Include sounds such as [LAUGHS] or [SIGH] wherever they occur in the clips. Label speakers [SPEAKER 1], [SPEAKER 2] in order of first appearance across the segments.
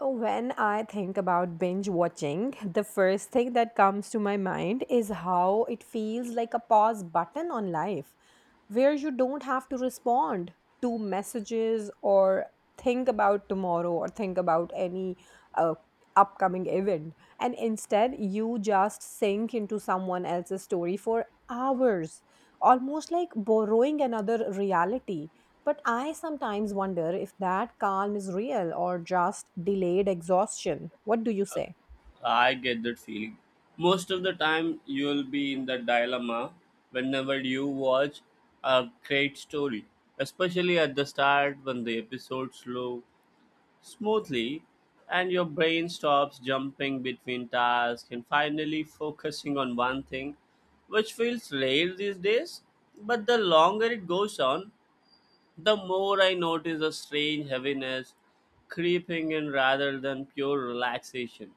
[SPEAKER 1] When I think about binge watching, the first thing that comes to my mind is how it feels like a pause button on life, where you don't have to respond to messages or think about tomorrow or think about any uh, upcoming event. And instead, you just sink into someone else's story for hours, almost like borrowing another reality. But I sometimes wonder if that calm is real or just delayed exhaustion. What do you say?
[SPEAKER 2] I get that feeling. Most of the time, you'll be in that dilemma whenever you watch a great story, especially at the start when the episodes flow smoothly and your brain stops jumping between tasks and finally focusing on one thing, which feels rare these days. But the longer it goes on, the more I notice a strange heaviness creeping in rather than pure relaxation.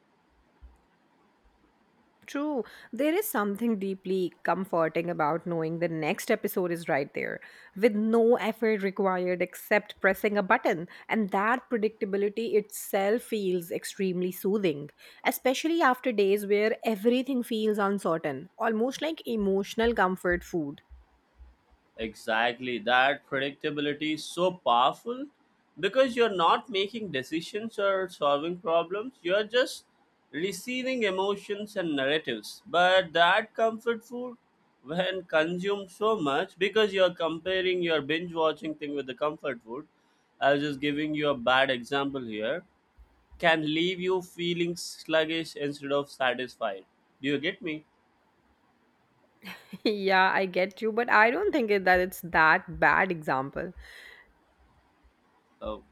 [SPEAKER 1] True. There is something deeply comforting about knowing the next episode is right there, with no effort required except pressing a button. And that predictability itself feels extremely soothing, especially after days where everything feels uncertain, almost like emotional comfort food.
[SPEAKER 2] Exactly. That predictability is so powerful because you're not making decisions or solving problems. You're just receiving emotions and narratives. But that comfort food, when consumed so much, because you're comparing your binge watching thing with the comfort food, I was just giving you a bad example here, can leave you feeling sluggish instead of satisfied. Do you get me?
[SPEAKER 1] [LAUGHS] Yeah, I get you, but I don't think that it's that bad example.
[SPEAKER 2] Oh.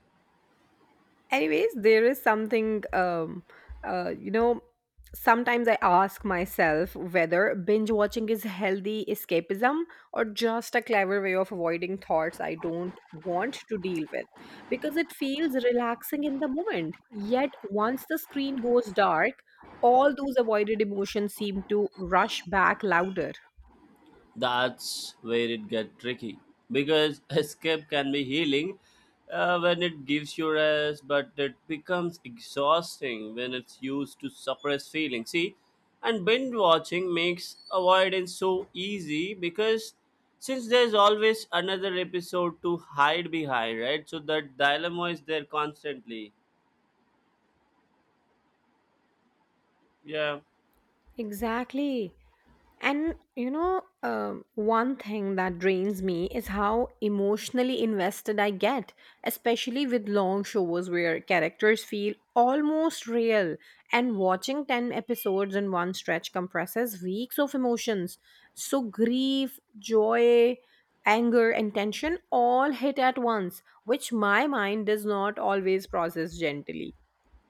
[SPEAKER 1] Anyways, there is something uh you know Sometimes I ask myself whether binge watching is healthy escapism or just a clever way of avoiding thoughts I don't want to deal with, because it feels relaxing in the moment, yet once the screen goes dark, all those avoided emotions seem to rush back louder.
[SPEAKER 2] That's where it gets tricky, because [LAUGHS] escape can be healing, when it gives you rest, but it becomes exhausting when it's used to suppress feelings, see. And binge watching makes avoidance so easy, because since there's always another episode to hide behind, right? So that dilemma is there constantly, yeah.
[SPEAKER 1] Exactly. And you know, one thing that drains me is how emotionally invested I get, especially with long shows where characters feel almost real. And watching 10 episodes in one stretch compresses weeks of emotions. So, grief, joy, anger, and tension all hit at once, which my mind does not always process gently.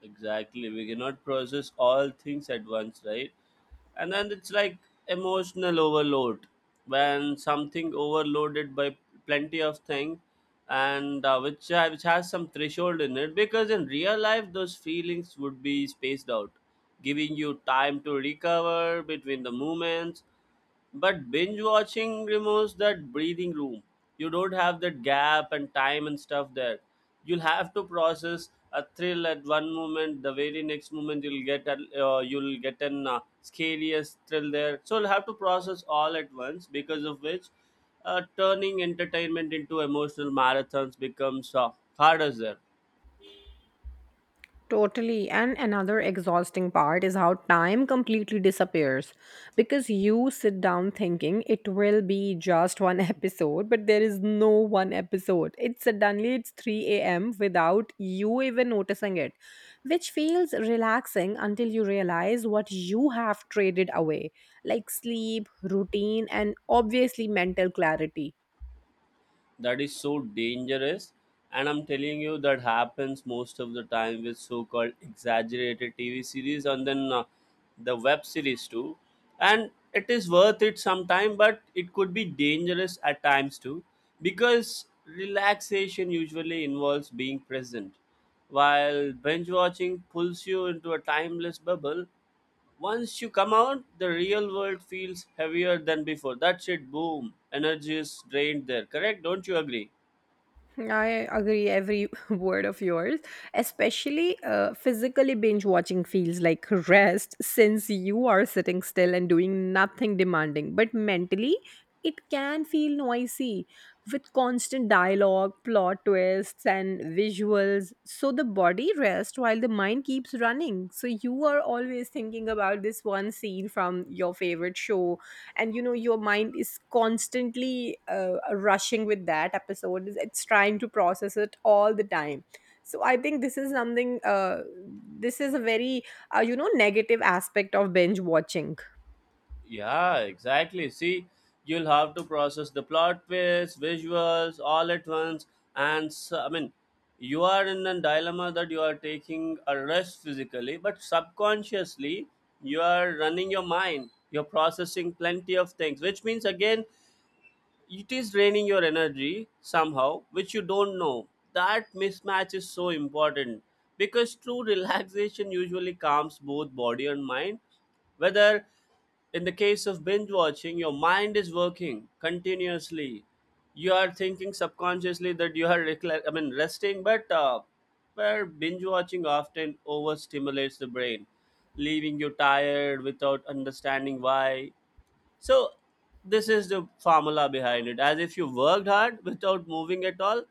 [SPEAKER 2] Exactly, we cannot process all things at once, right? And then it's like emotional overload, when something overloaded by plenty of things. And which has some threshold in it, because in real life those feelings would be spaced out, giving you time to recover between the moments. But binge watching removes that breathing room. You don't have that gap and time and stuff there. You'll have to process a thrill at one moment. The very next moment, you'll get an scariest thrill there. So you'll have to process all at once. Because of which, turning entertainment into emotional marathons becomes harder there.
[SPEAKER 1] Totally. And another exhausting part is how time completely disappears because you sit down thinking it will be just one [LAUGHS] episode, but there is no one episode. It's suddenly it's 3 a.m. without you even noticing it, which feels relaxing until you realize what you have traded away, like sleep, routine, and obviously mental clarity.
[SPEAKER 2] That is so dangerous. And I'm telling you, that happens most of the time with so-called exaggerated TV series, and then the web series too. And it is worth it sometime, but it could be dangerous at times too, because relaxation usually involves being present, while binge watching pulls you into a timeless bubble. Once you come out, the real world feels heavier than before. That's it, boom. Energy is drained there, correct? Don't you agree?
[SPEAKER 1] I agree every [LAUGHS] word of yours. Especially physically binge watching feels like rest [LAUGHS] since you are sitting still and doing nothing demanding. But mentally, it can feel noisy with constant dialogue, plot twists, and visuals. So the body rests while the mind keeps running. So you are always thinking about this one scene from your favorite show, and you know your mind is constantly rushing with that episode. It's trying to process it all the time. So I think this is something . This is a very negative aspect of binge watching.
[SPEAKER 2] Yeah, exactly. See, you'll have to process the plot twists, visuals, all at once. And so, I mean, you are in a dilemma that you are taking a rest physically, but subconsciously, you are running your mind. You're processing plenty of things, which means again, it is draining your energy somehow, which you don't know. That mismatch is so important, because true relaxation usually calms both body and mind, whether in the case of binge watching your mind is working continuously. You are thinking subconsciously that you are resting, but where binge watching often overstimulates the brain, leaving you tired without understanding why. So this is the formula behind it. As if you worked hard without moving at all,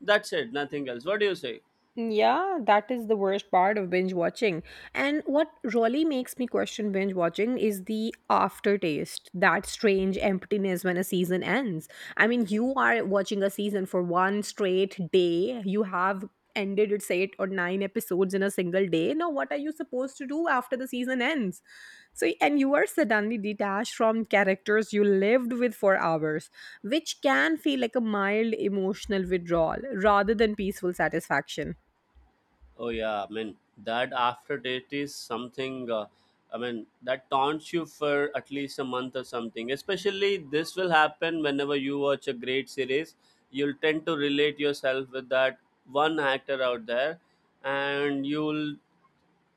[SPEAKER 2] that's it, nothing else. What do you say?
[SPEAKER 1] Yeah, that is the worst part of binge watching. And what really makes me question binge watching is the aftertaste, that strange emptiness when a season ends. I mean, you are watching a season for one straight day. You have ended its eight or nine episodes in a single day. Now, what are you supposed to do after the season ends? So, and you are suddenly detached from characters you lived with for hours, which can feel like a mild emotional withdrawal rather than peaceful satisfaction.
[SPEAKER 2] Oh yeah, I mean that aftertaste is something. I mean that taunts you for at least a month or something. Especially this will happen whenever you watch a great series. You'll tend to relate yourself with that one actor out there, and you'll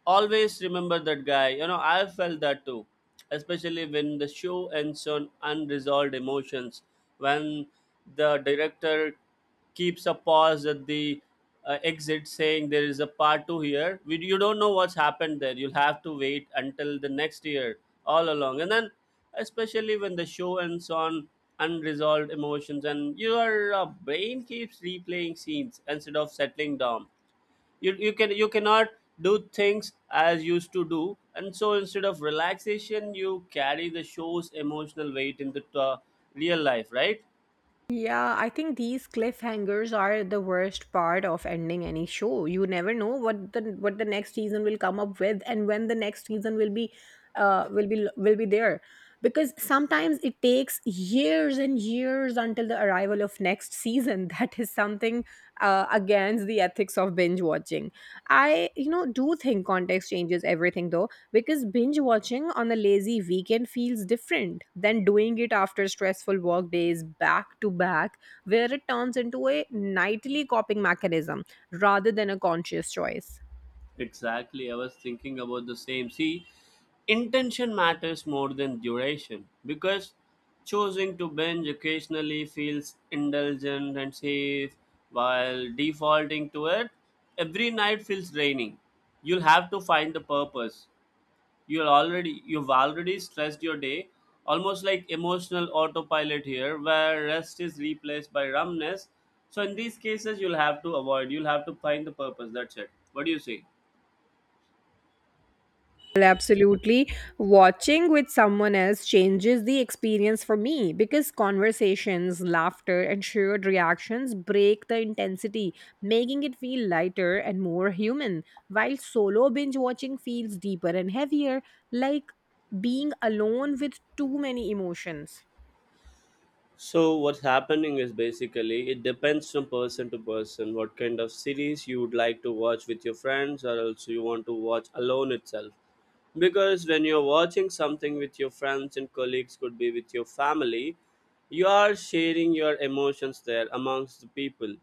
[SPEAKER 2] always remember that guy. You know, I felt that too, especially when the show ends on unresolved emotions. When the director keeps a pause at the exit, saying there is a part two here. You don't know what's happened there. You'll have to wait until the next year, all along. And then, especially when the show ends on unresolved emotions, and your brain keeps replaying scenes instead of settling down, you cannot do things as used to do. And so, instead of relaxation, you carry the show's emotional weight into the real life, right?
[SPEAKER 1] Yeah, I think these cliffhangers are the worst part of ending any show. You never know what the next season will come up with and when the next season will be will be will be there. Because sometimes it takes years and years until the arrival of next season. [LAUGHS] That is something against the ethics of binge watching. I, you know, do think context changes everything though, because binge watching on a lazy weekend feels different than doing it after stressful work days back to back, where it turns into a nightly coping mechanism rather than a conscious choice.
[SPEAKER 2] Exactly, I was thinking about the same. See, intention matters more than duration, because choosing to binge occasionally feels indulgent and safe, while defaulting to it every night feels draining. You'll have to find the purpose. You've already stressed your day, almost like emotional autopilot here, where rest is replaced by numbness. So in these cases, you'll have to find the purpose. That's it. What do you say?
[SPEAKER 1] Well, absolutely. Watching with someone else changes the experience for me because conversations, laughter, and shared reactions break the intensity, making it feel lighter and more human. While solo binge watching feels deeper and heavier, like being alone with too many emotions.
[SPEAKER 2] So what's happening is basically it depends from person to person what kind of series you would like to watch with your friends, or else you want to watch alone itself. Because when you're watching something with your friends and colleagues, could be with your family, you are sharing your emotions there amongst the people.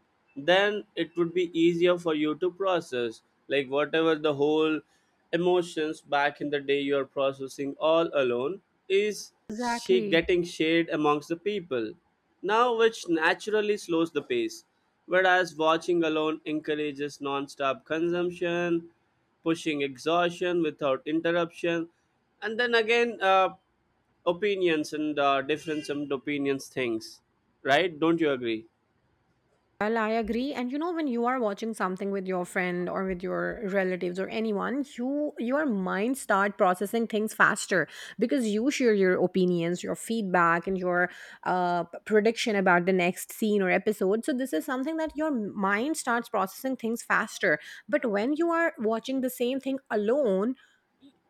[SPEAKER 2] Then it would be easier for you to process, like whatever the whole emotions back in the day you are processing all alone, is she
[SPEAKER 1] Exactly.
[SPEAKER 2] getting shared amongst the people. Now, which naturally slows the pace, whereas watching alone encourages non-stop consumption, pushing exhaustion without interruption. And then again, opinions and difference and opinions things, right? Don't you agree?
[SPEAKER 1] Well, I agree. And you know, when you are watching something with your friend or with your relatives or anyone, your mind start processing things faster because you share your opinions, your feedback, and your prediction about the next scene or episode. So this is something that your mind starts processing things faster. But when you are watching the same thing alone,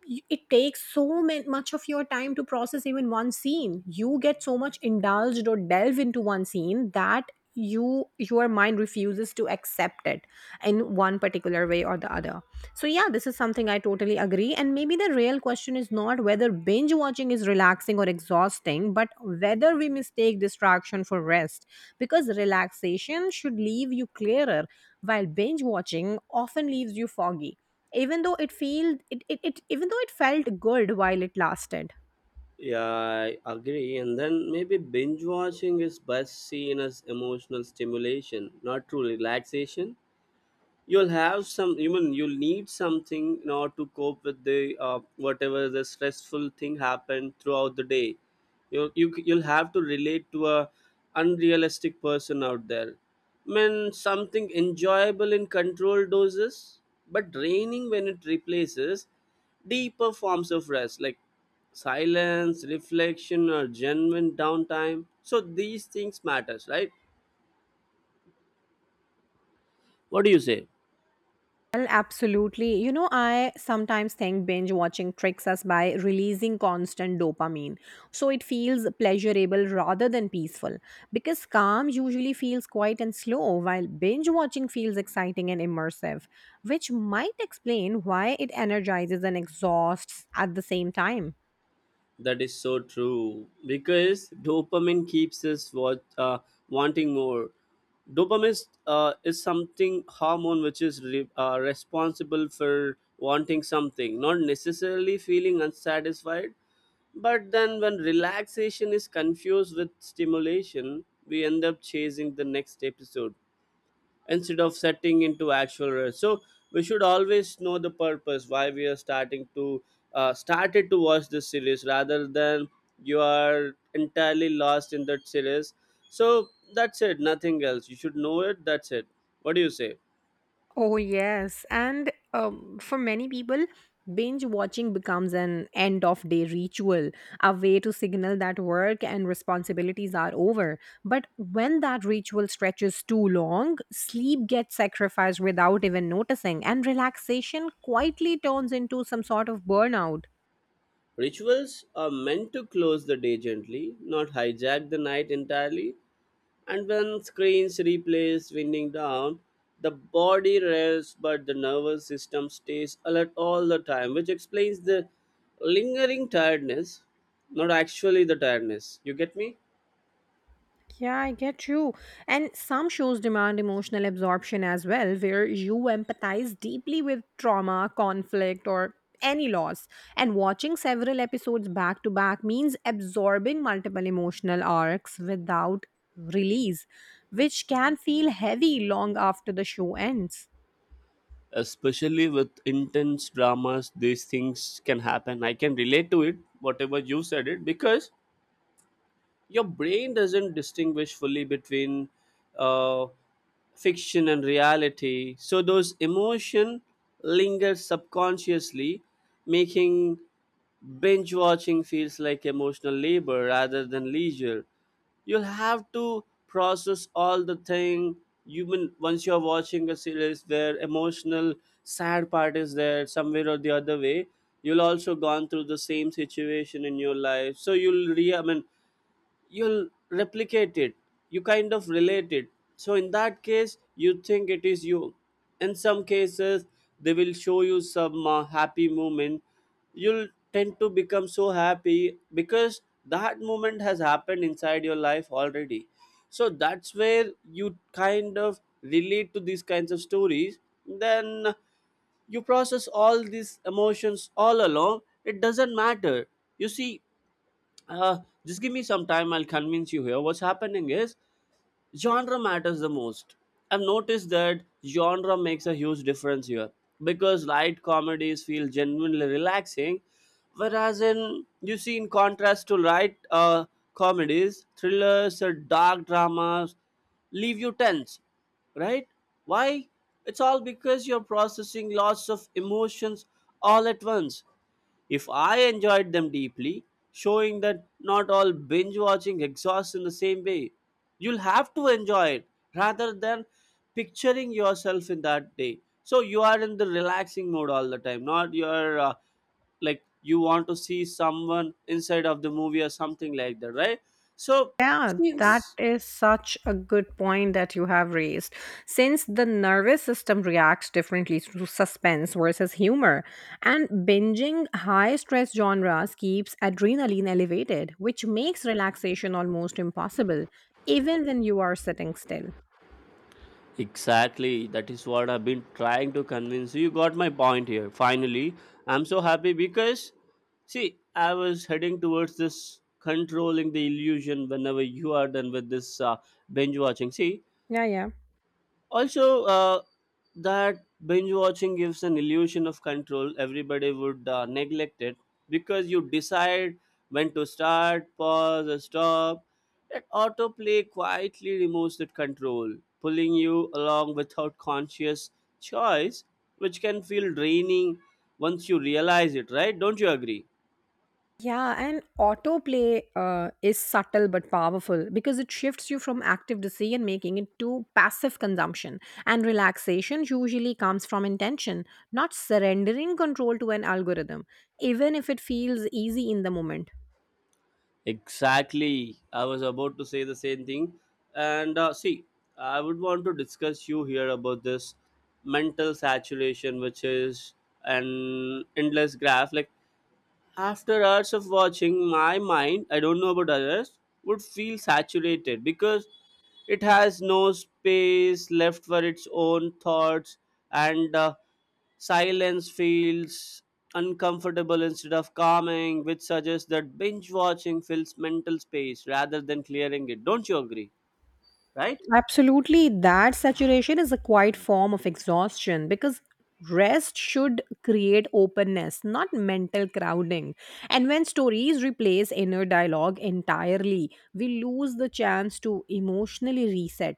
[SPEAKER 1] it takes so much of your time to process even one scene. You get so much indulged or delve into one scene that you your mind refuses to accept it in one particular way or the other. So yeah, this is something I totally agree, and maybe the real question is not whether binge watching is relaxing or exhausting, but whether we mistake distraction for rest, because relaxation should leave you clearer while binge watching often leaves you foggy, even though it feel it, it, it even though it felt good while it lasted.
[SPEAKER 2] Yeah, I agree. And then maybe binge watching is best seen as emotional stimulation, not true relaxation. You mean, you'll need something in order to cope with the whatever the stressful thing happened throughout the day. You'll have to relate to a unrealistic person out there. I mean something enjoyable in controlled doses, but draining when it replaces deeper forms of rest, like silence, reflection, or genuine downtime. So these things matters, right? What do you say?
[SPEAKER 1] Well, absolutely. You know, I sometimes think binge watching tricks us by releasing constant dopamine, so it feels pleasurable rather than peaceful, because calm usually feels quiet and slow while binge watching feels exciting and immersive, which might explain why it energizes and exhausts at the same time.
[SPEAKER 2] That is so true, because dopamine keeps us what, wanting more. Dopamine is something hormone, which is responsible for wanting something, not necessarily feeling unsatisfied. But then, when relaxation is confused with stimulation, we end up chasing the next episode instead of setting into actual rest. So we should always know the purpose why we are starting to started to watch this series, rather than you are entirely lost in that series. So that's it, nothing else. You should know it. That's it. What do you say?
[SPEAKER 1] Oh, yes. And for many people, binge watching becomes an end of day ritual, a way to signal that work and responsibilities are over. But when that ritual stretches too long, sleep gets sacrificed without even noticing, and relaxation quietly turns into some sort of burnout.
[SPEAKER 2] Rituals are meant to close the day gently, not hijack the night entirely. And when screens replace winding down, the body rests but the nervous system stays alert all the time, which explains the lingering tiredness, not actually the tiredness. You get me?
[SPEAKER 1] Yeah, I get you. And some shows demand emotional absorption as well, where you empathize deeply with trauma, conflict, or any loss. And watching several episodes back to back means absorbing multiple emotional arcs without release, which can feel heavy long after the show ends.
[SPEAKER 2] Especially with intense dramas, these things can happen. I can relate to it, whatever you said it, because your brain doesn't distinguish fully between uh, fiction and reality, so those emotion linger subconsciously, making binge watching feels like emotional labor rather than leisure. You'll have to process all the thing. You mean, once you're watching a series where emotional sad part is there somewhere or the other way, you'll also gone through the same situation in your life, so you'll re I mean you'll replicate it. You kind of relate it. So in that case you think it is you. In some cases, they will show you some happy moment. You'll tend to become so happy because that moment has happened inside your life already. So that's where you kind of relate to these kinds of stories. Then you process all these emotions all along, it doesn't matter. You see, uh, just give me some time, I'll convince you here. What's happening is, genre matters the most. I've noticed that genre makes a huge difference here, because light comedies feel genuinely relaxing, whereas in you see, in contrast to light comedies, thrillers or dark dramas leave you tense, right? Why? It's all because you're processing lots of emotions all at once, if I enjoyed them deeply, showing that not all binge watching exhausts in the same way. You'll have to enjoy it rather than picturing yourself in that day. So you are in the relaxing mode all the time, not your like you want to see someone inside of the movie or something like that, right? So
[SPEAKER 1] Yeah, that
[SPEAKER 2] since—
[SPEAKER 1] is such a good point that you have raised. Since the nervous system reacts differently to suspense versus humor, and binging high stress genres keeps adrenaline elevated, which makes relaxation almost impossible, even when you are sitting still.
[SPEAKER 2] Exactly. That is what I've been trying to convince you. You got my point here. Finally, I'm so happy because, see, I was heading towards this controlling the illusion whenever you are done with this binge watching. See,
[SPEAKER 1] Yeah, yeah.
[SPEAKER 2] also, that binge watching gives an illusion of control, everybody would neglect it, because you decide when to start, pause, or stop. That autoplay quietly removes that control, pulling you along without conscious choice, which can feel draining once you realize it, right? Don't you agree?
[SPEAKER 1] Yeah, and autoplay is subtle but powerful because it shifts you from active decision making into passive consumption. And relaxation usually comes from intention, not surrendering control to an algorithm, even if it feels easy in the moment.
[SPEAKER 2] Exactly. I was about to say the same thing. And see, I would want to discuss you here about this mental saturation, which is an endless graph. Like after hours of watching, my mind, I don't know about others, would feel saturated because it has no space left for its own thoughts, and silence feels uncomfortable instead of calming, which suggests that binge watching fills mental space rather than clearing it. Don't you agree? Right?
[SPEAKER 1] Absolutely, that saturation is a quiet form of exhaustion because rest should create openness, not mental crowding. And when stories replace inner dialogue entirely, we lose the chance to emotionally reset.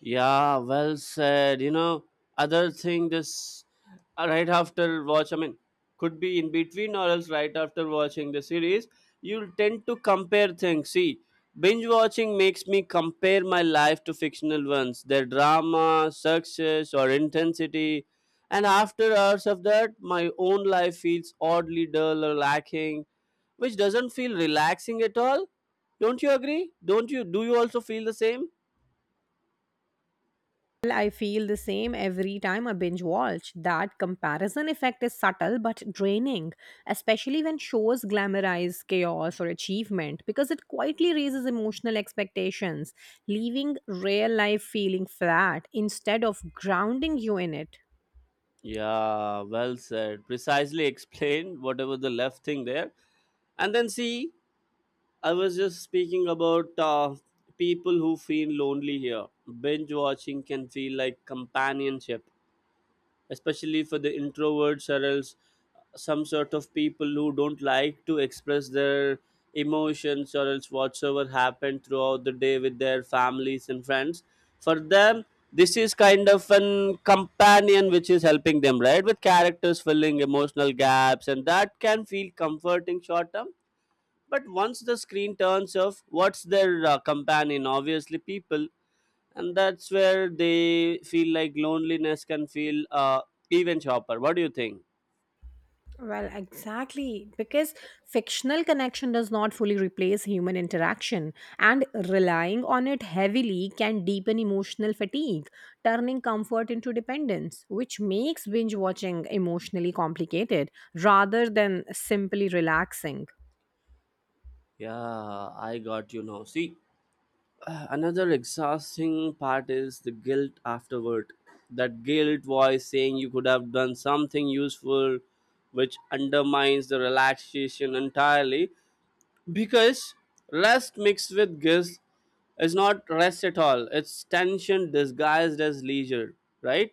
[SPEAKER 2] Yeah, well said. You know, other thing this right after watch, I mean, could be in between or else right after watching the series, you'll tend to compare things. See, binge watching makes me compare my life to fictional ones, their drama, success, or intensity. And after hours of that, my own life feels oddly dull or lacking, which doesn't feel relaxing at all. Don't you agree? Don't you? Do you also feel the same?
[SPEAKER 1] Well, I feel the same every time I binge watch. That comparison effect is subtle but draining, especially when shows glamorize chaos or achievement because it quietly raises emotional expectations, leaving real life feeling flat instead of grounding you in it.
[SPEAKER 2] Yeah, well said. Precisely explained [LAUGHS] whatever the left thing there. And then see, I was just speaking about people who feel lonely here. Binge watching can feel like companionship, especially for the introverts or else some sort of people who don't like to express their emotions or else whatsoever happened throughout the day with their families and friends. For them, this is kind of an companion which is helping them, right, with characters filling emotional gaps, and that can feel comforting short term. But once the screen turns off, what's their companion? Obviously people. And that's where they feel like loneliness can feel even sharper. What do you think?
[SPEAKER 1] Well, exactly. Because fictional connection does not fully replace human interaction, and relying on it heavily can deepen emotional fatigue, turning comfort into dependence, which makes binge watching emotionally complicated rather than simply relaxing.
[SPEAKER 2] Yeah, I got you. Now see, another exhausting part is the guilt afterward, that guilt voice saying you could have done something useful, which undermines the relaxation entirely, because rest mixed with guilt is not rest at all. It's tension disguised as leisure, right?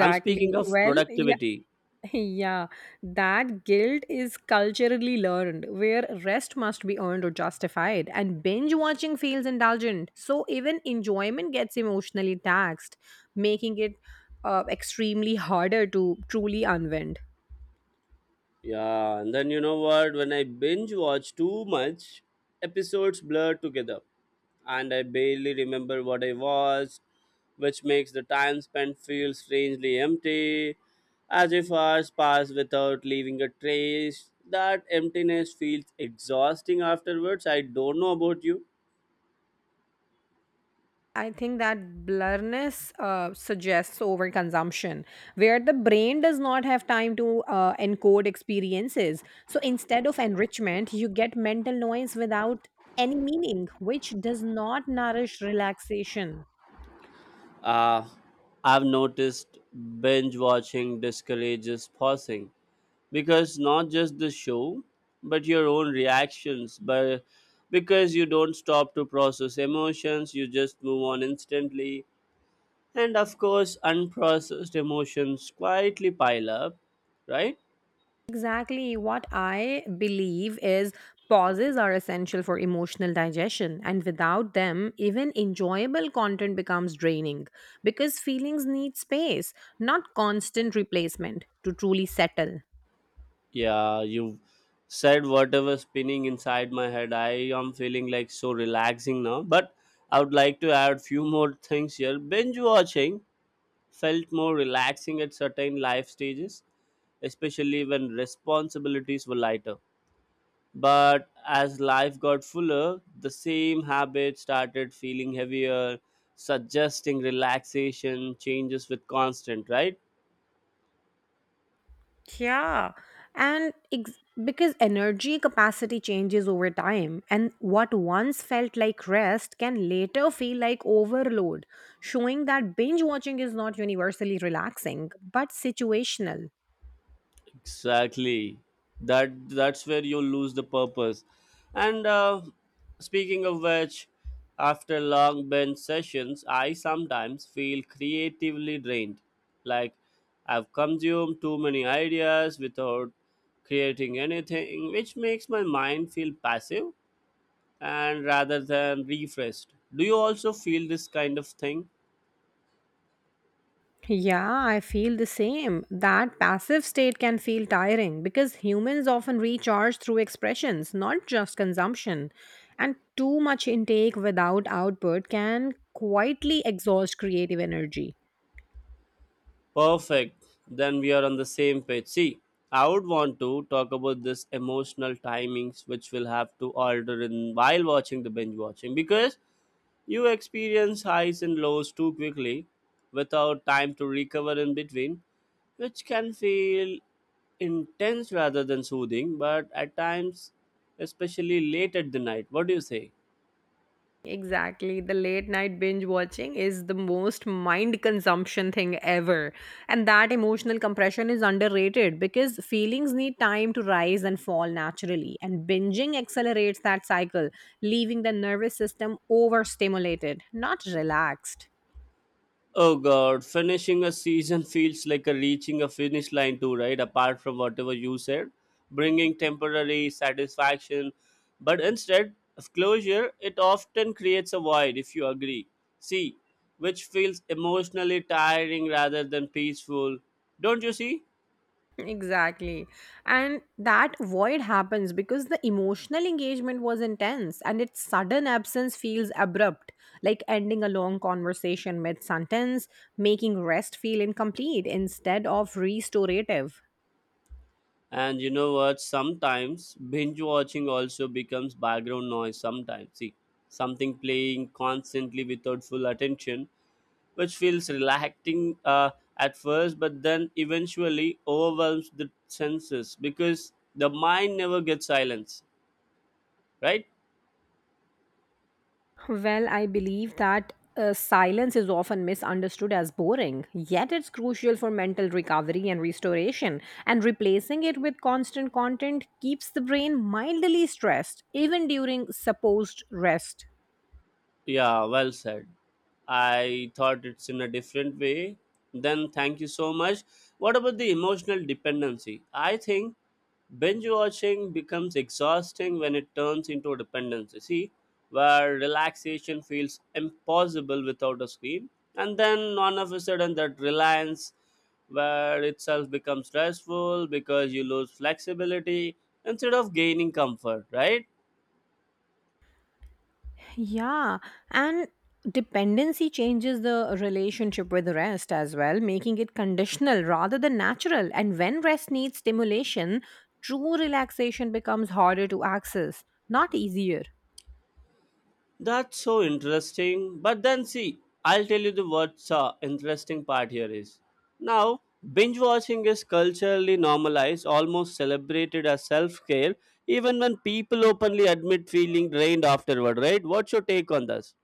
[SPEAKER 2] I'm speaking of
[SPEAKER 1] Well, yeah. [LAUGHS]
[SPEAKER 2] productivity.
[SPEAKER 1] Yeah, that guilt is culturally learned, where rest must be earned or justified, and binge watching feels indulgent. So even enjoyment gets emotionally taxed, making it extremely harder to truly unwind.
[SPEAKER 2] Yeah, and then you know what? When I binge watch too much, episodes blur together, and I barely remember what I watched, which makes the time spent feel strangely empty, as if hours pass without leaving a trace. That emptiness feels exhausting afterwards. I don't know about you.
[SPEAKER 1] I think that blurriness suggests overconsumption, where the brain does not have time to encode experiences. So instead of enrichment, you get mental noise without any meaning, which does not nourish relaxation.
[SPEAKER 2] Uh, I've noticed binge watching discourages pausing, because not just the show but your own reactions, but because you don't stop to process emotions, you just move on instantly. And of course, unprocessed emotions quietly pile up, right?
[SPEAKER 1] Exactly. What I believe is pauses are essential for emotional digestion, and without them, even enjoyable content becomes draining because feelings need space, not constant replacement, to truly settle.
[SPEAKER 2] Yeah, you've said whatever spinning inside my head. I am feeling like so relaxing now, but I would like to add few more things here. Binge watching felt more relaxing at certain life stages, especially when responsibilities were lighter. But as life got fuller, the same habits started feeling heavier, suggesting relaxation changes with constant, right?
[SPEAKER 1] Yeah. And ex- because energy capacity changes over time, and what once felt like rest can later feel like overload, showing that binge watching is not universally relaxing but situational.
[SPEAKER 2] Exactly. That's where you lose the purpose. And speaking of which, after long bench sessions, I sometimes feel creatively drained, like I've consumed too many ideas without creating anything, which makes my mind feel passive and rather than refreshed. Do you also feel this kind of thing?
[SPEAKER 1] Yeah, I feel the same. That passive state can feel tiring because humans often recharge through expressions, not just consumption. And too much intake without output can quietly exhaust creative energy.
[SPEAKER 2] Perfect. Then we are on the same page. See, I would want to talk about this emotional timings which will have to alter in while watching the binge watching, because you experience highs and lows too quickly without time to recover in between, which can feel intense rather than soothing, but at times, especially late at the night. What do you say?
[SPEAKER 1] Exactly. The late night binge watching is the most mind consumption thing ever. And that emotional compression is underrated because feelings need time to rise and fall naturally. And binging accelerates that cycle, leaving the nervous system overstimulated, not relaxed.
[SPEAKER 2] Oh god, finishing a season feels like a reaching a finish line too, right? Apart from whatever you said, bringing temporary satisfaction, but instead of closure, it often creates a void. If you agree, see, which feels emotionally tiring rather than peaceful, don't you see?
[SPEAKER 1] Exactly. And that void happens because the emotional engagement was intense and its sudden absence feels abrupt, like ending a long conversation mid sentence, making rest feel incomplete instead of restorative.
[SPEAKER 2] And you know what? Sometimes binge watching also becomes background noise. Sometimes, see, something playing constantly without full attention, which feels relaxing at first, but then eventually overwhelms the senses because the mind never gets silence, right?
[SPEAKER 1] Well, I believe that silence is often misunderstood as boring, yet it's crucial for mental recovery and restoration. And replacing it with constant content keeps the brain mildly stressed, even during supposed rest.
[SPEAKER 2] Yeah, well said. I thought it's in a different way. Then thank you so much. What about the emotional dependency? I think binge watching becomes exhausting when it turns into a dependency. See, where relaxation feels impossible without a screen, and then all of a sudden that reliance where itself becomes stressful because you lose flexibility instead of gaining comfort, right?
[SPEAKER 1] Yeah, and dependency changes the relationship with rest as well, making it conditional rather than natural. And when rest needs stimulation, true relaxation becomes harder to access, not easier.
[SPEAKER 2] That's so interesting. But then see, I'll tell you the what's interesting part here is. Now, binge watching is culturally normalized, almost celebrated as self-care, even when people openly admit feeling drained afterward, right? What's your take on this?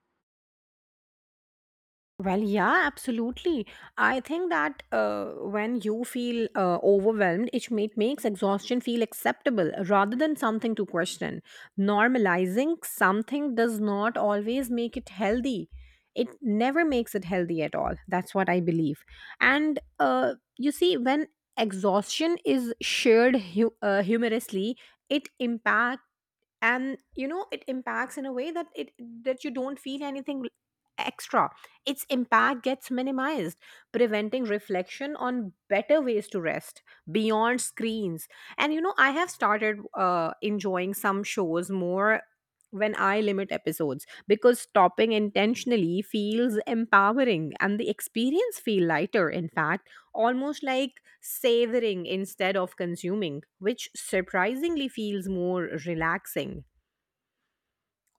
[SPEAKER 1] Well, yeah, absolutely. I think that when you feel overwhelmed, it makes exhaustion feel acceptable rather than something to question. Normalizing something does not always make it healthy. It never makes it healthy at all. That's what I believe. And you see, when exhaustion is shared humorously, it impacts, and you know it impacts in a way that it that you don't feel anything extra. Its impact gets minimized, preventing reflection on better ways to rest beyond screens. And you know, I have started enjoying some shows more when I limit episodes, because stopping intentionally feels empowering and the experience feel lighter, in fact almost like savoring instead of consuming, which surprisingly feels more relaxing.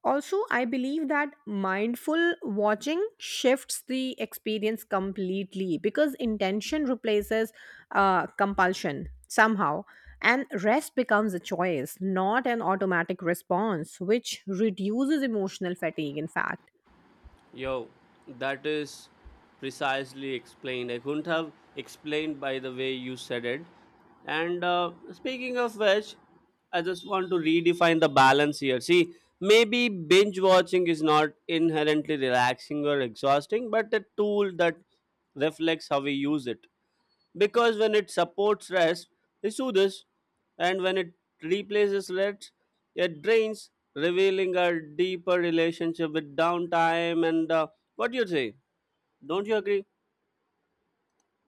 [SPEAKER 1] Also, I believe that mindful watching shifts the experience completely because intention replaces compulsion somehow, and rest becomes a choice, not an automatic response, which reduces emotional fatigue in fact.
[SPEAKER 2] Yo, that is precisely explained. I couldn't have explained by the way you said it. And speaking of which, I just want to redefine the balance here. See, maybe binge watching is not inherently relaxing or exhausting, but a tool that reflects how we use it, because when it supports rest, it soothes, and when it replaces rest, it drains, revealing a deeper relationship with downtime. And what do you say? Don't you agree?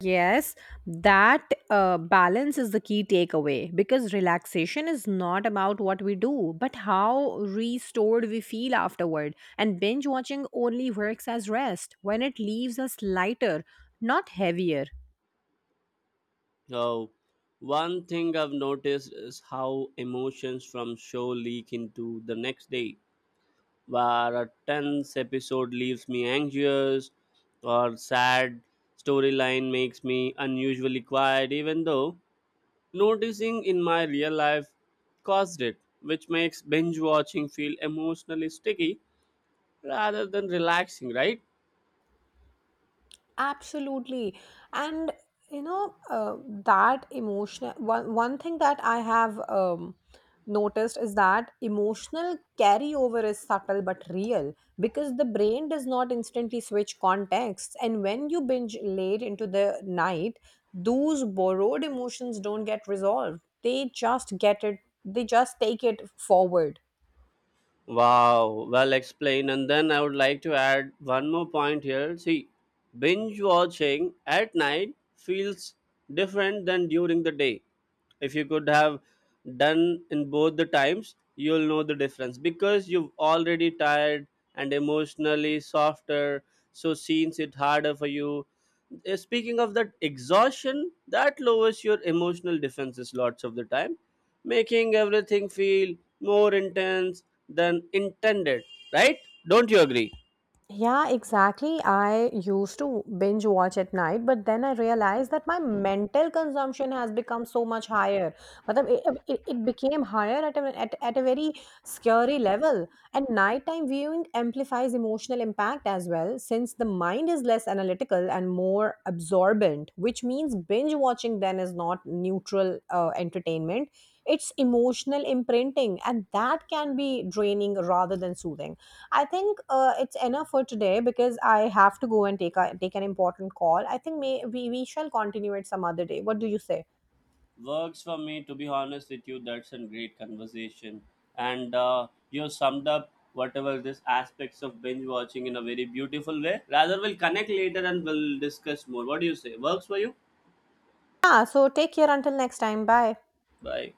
[SPEAKER 1] Yes, that balance is the key takeaway because relaxation is not about what we do, but how restored we feel afterward. And binge watching only works as rest when it leaves us lighter, not heavier.
[SPEAKER 2] So, one thing I've noticed is how emotions from show leak into the next day, where a tense episode leaves me anxious or sad storyline makes me unusually quiet, even though noticing in my real life caused it, which makes binge watching feel emotionally sticky rather than relaxing, right?
[SPEAKER 1] Absolutely. And you know, that emotional one thing that I have noticed is that emotional carryover is subtle but real, because the brain does not instantly switch contexts. And when you binge late into the night, those borrowed emotions don't get resolved. They just take it forward.
[SPEAKER 2] Wow, well explained. And then I would like to add one more point here. See, binge watching at night feels different than during the day. If you could have done in both the times, you'll know the difference because you've already tired and emotionally softer, so scenes it harder for you. Speaking of that exhaustion, that lowers your emotional defenses lots of the time, making everything feel more intense than intended, right? Don't you agree?
[SPEAKER 1] Yeah, exactly. I used to binge watch at night, but then I realized that my mental consumption has become so much higher. But it became higher at at a very scary level. And nighttime viewing amplifies emotional impact as well, since the mind is less analytical and more absorbent, which means binge watching then is not neutral entertainment. It's emotional imprinting, and that can be draining rather than soothing. I think it's enough for today because I have to go and take a take an important call. I think we shall continue it some other day. What do you say?
[SPEAKER 2] Works for me, to be honest with you. That's a great conversation. And you summed up whatever this aspects of binge watching in a very beautiful way. Rather, we'll connect later and we'll discuss more. What do you say? Works for you?
[SPEAKER 1] Yeah, so take care until next time. Bye.
[SPEAKER 2] Bye.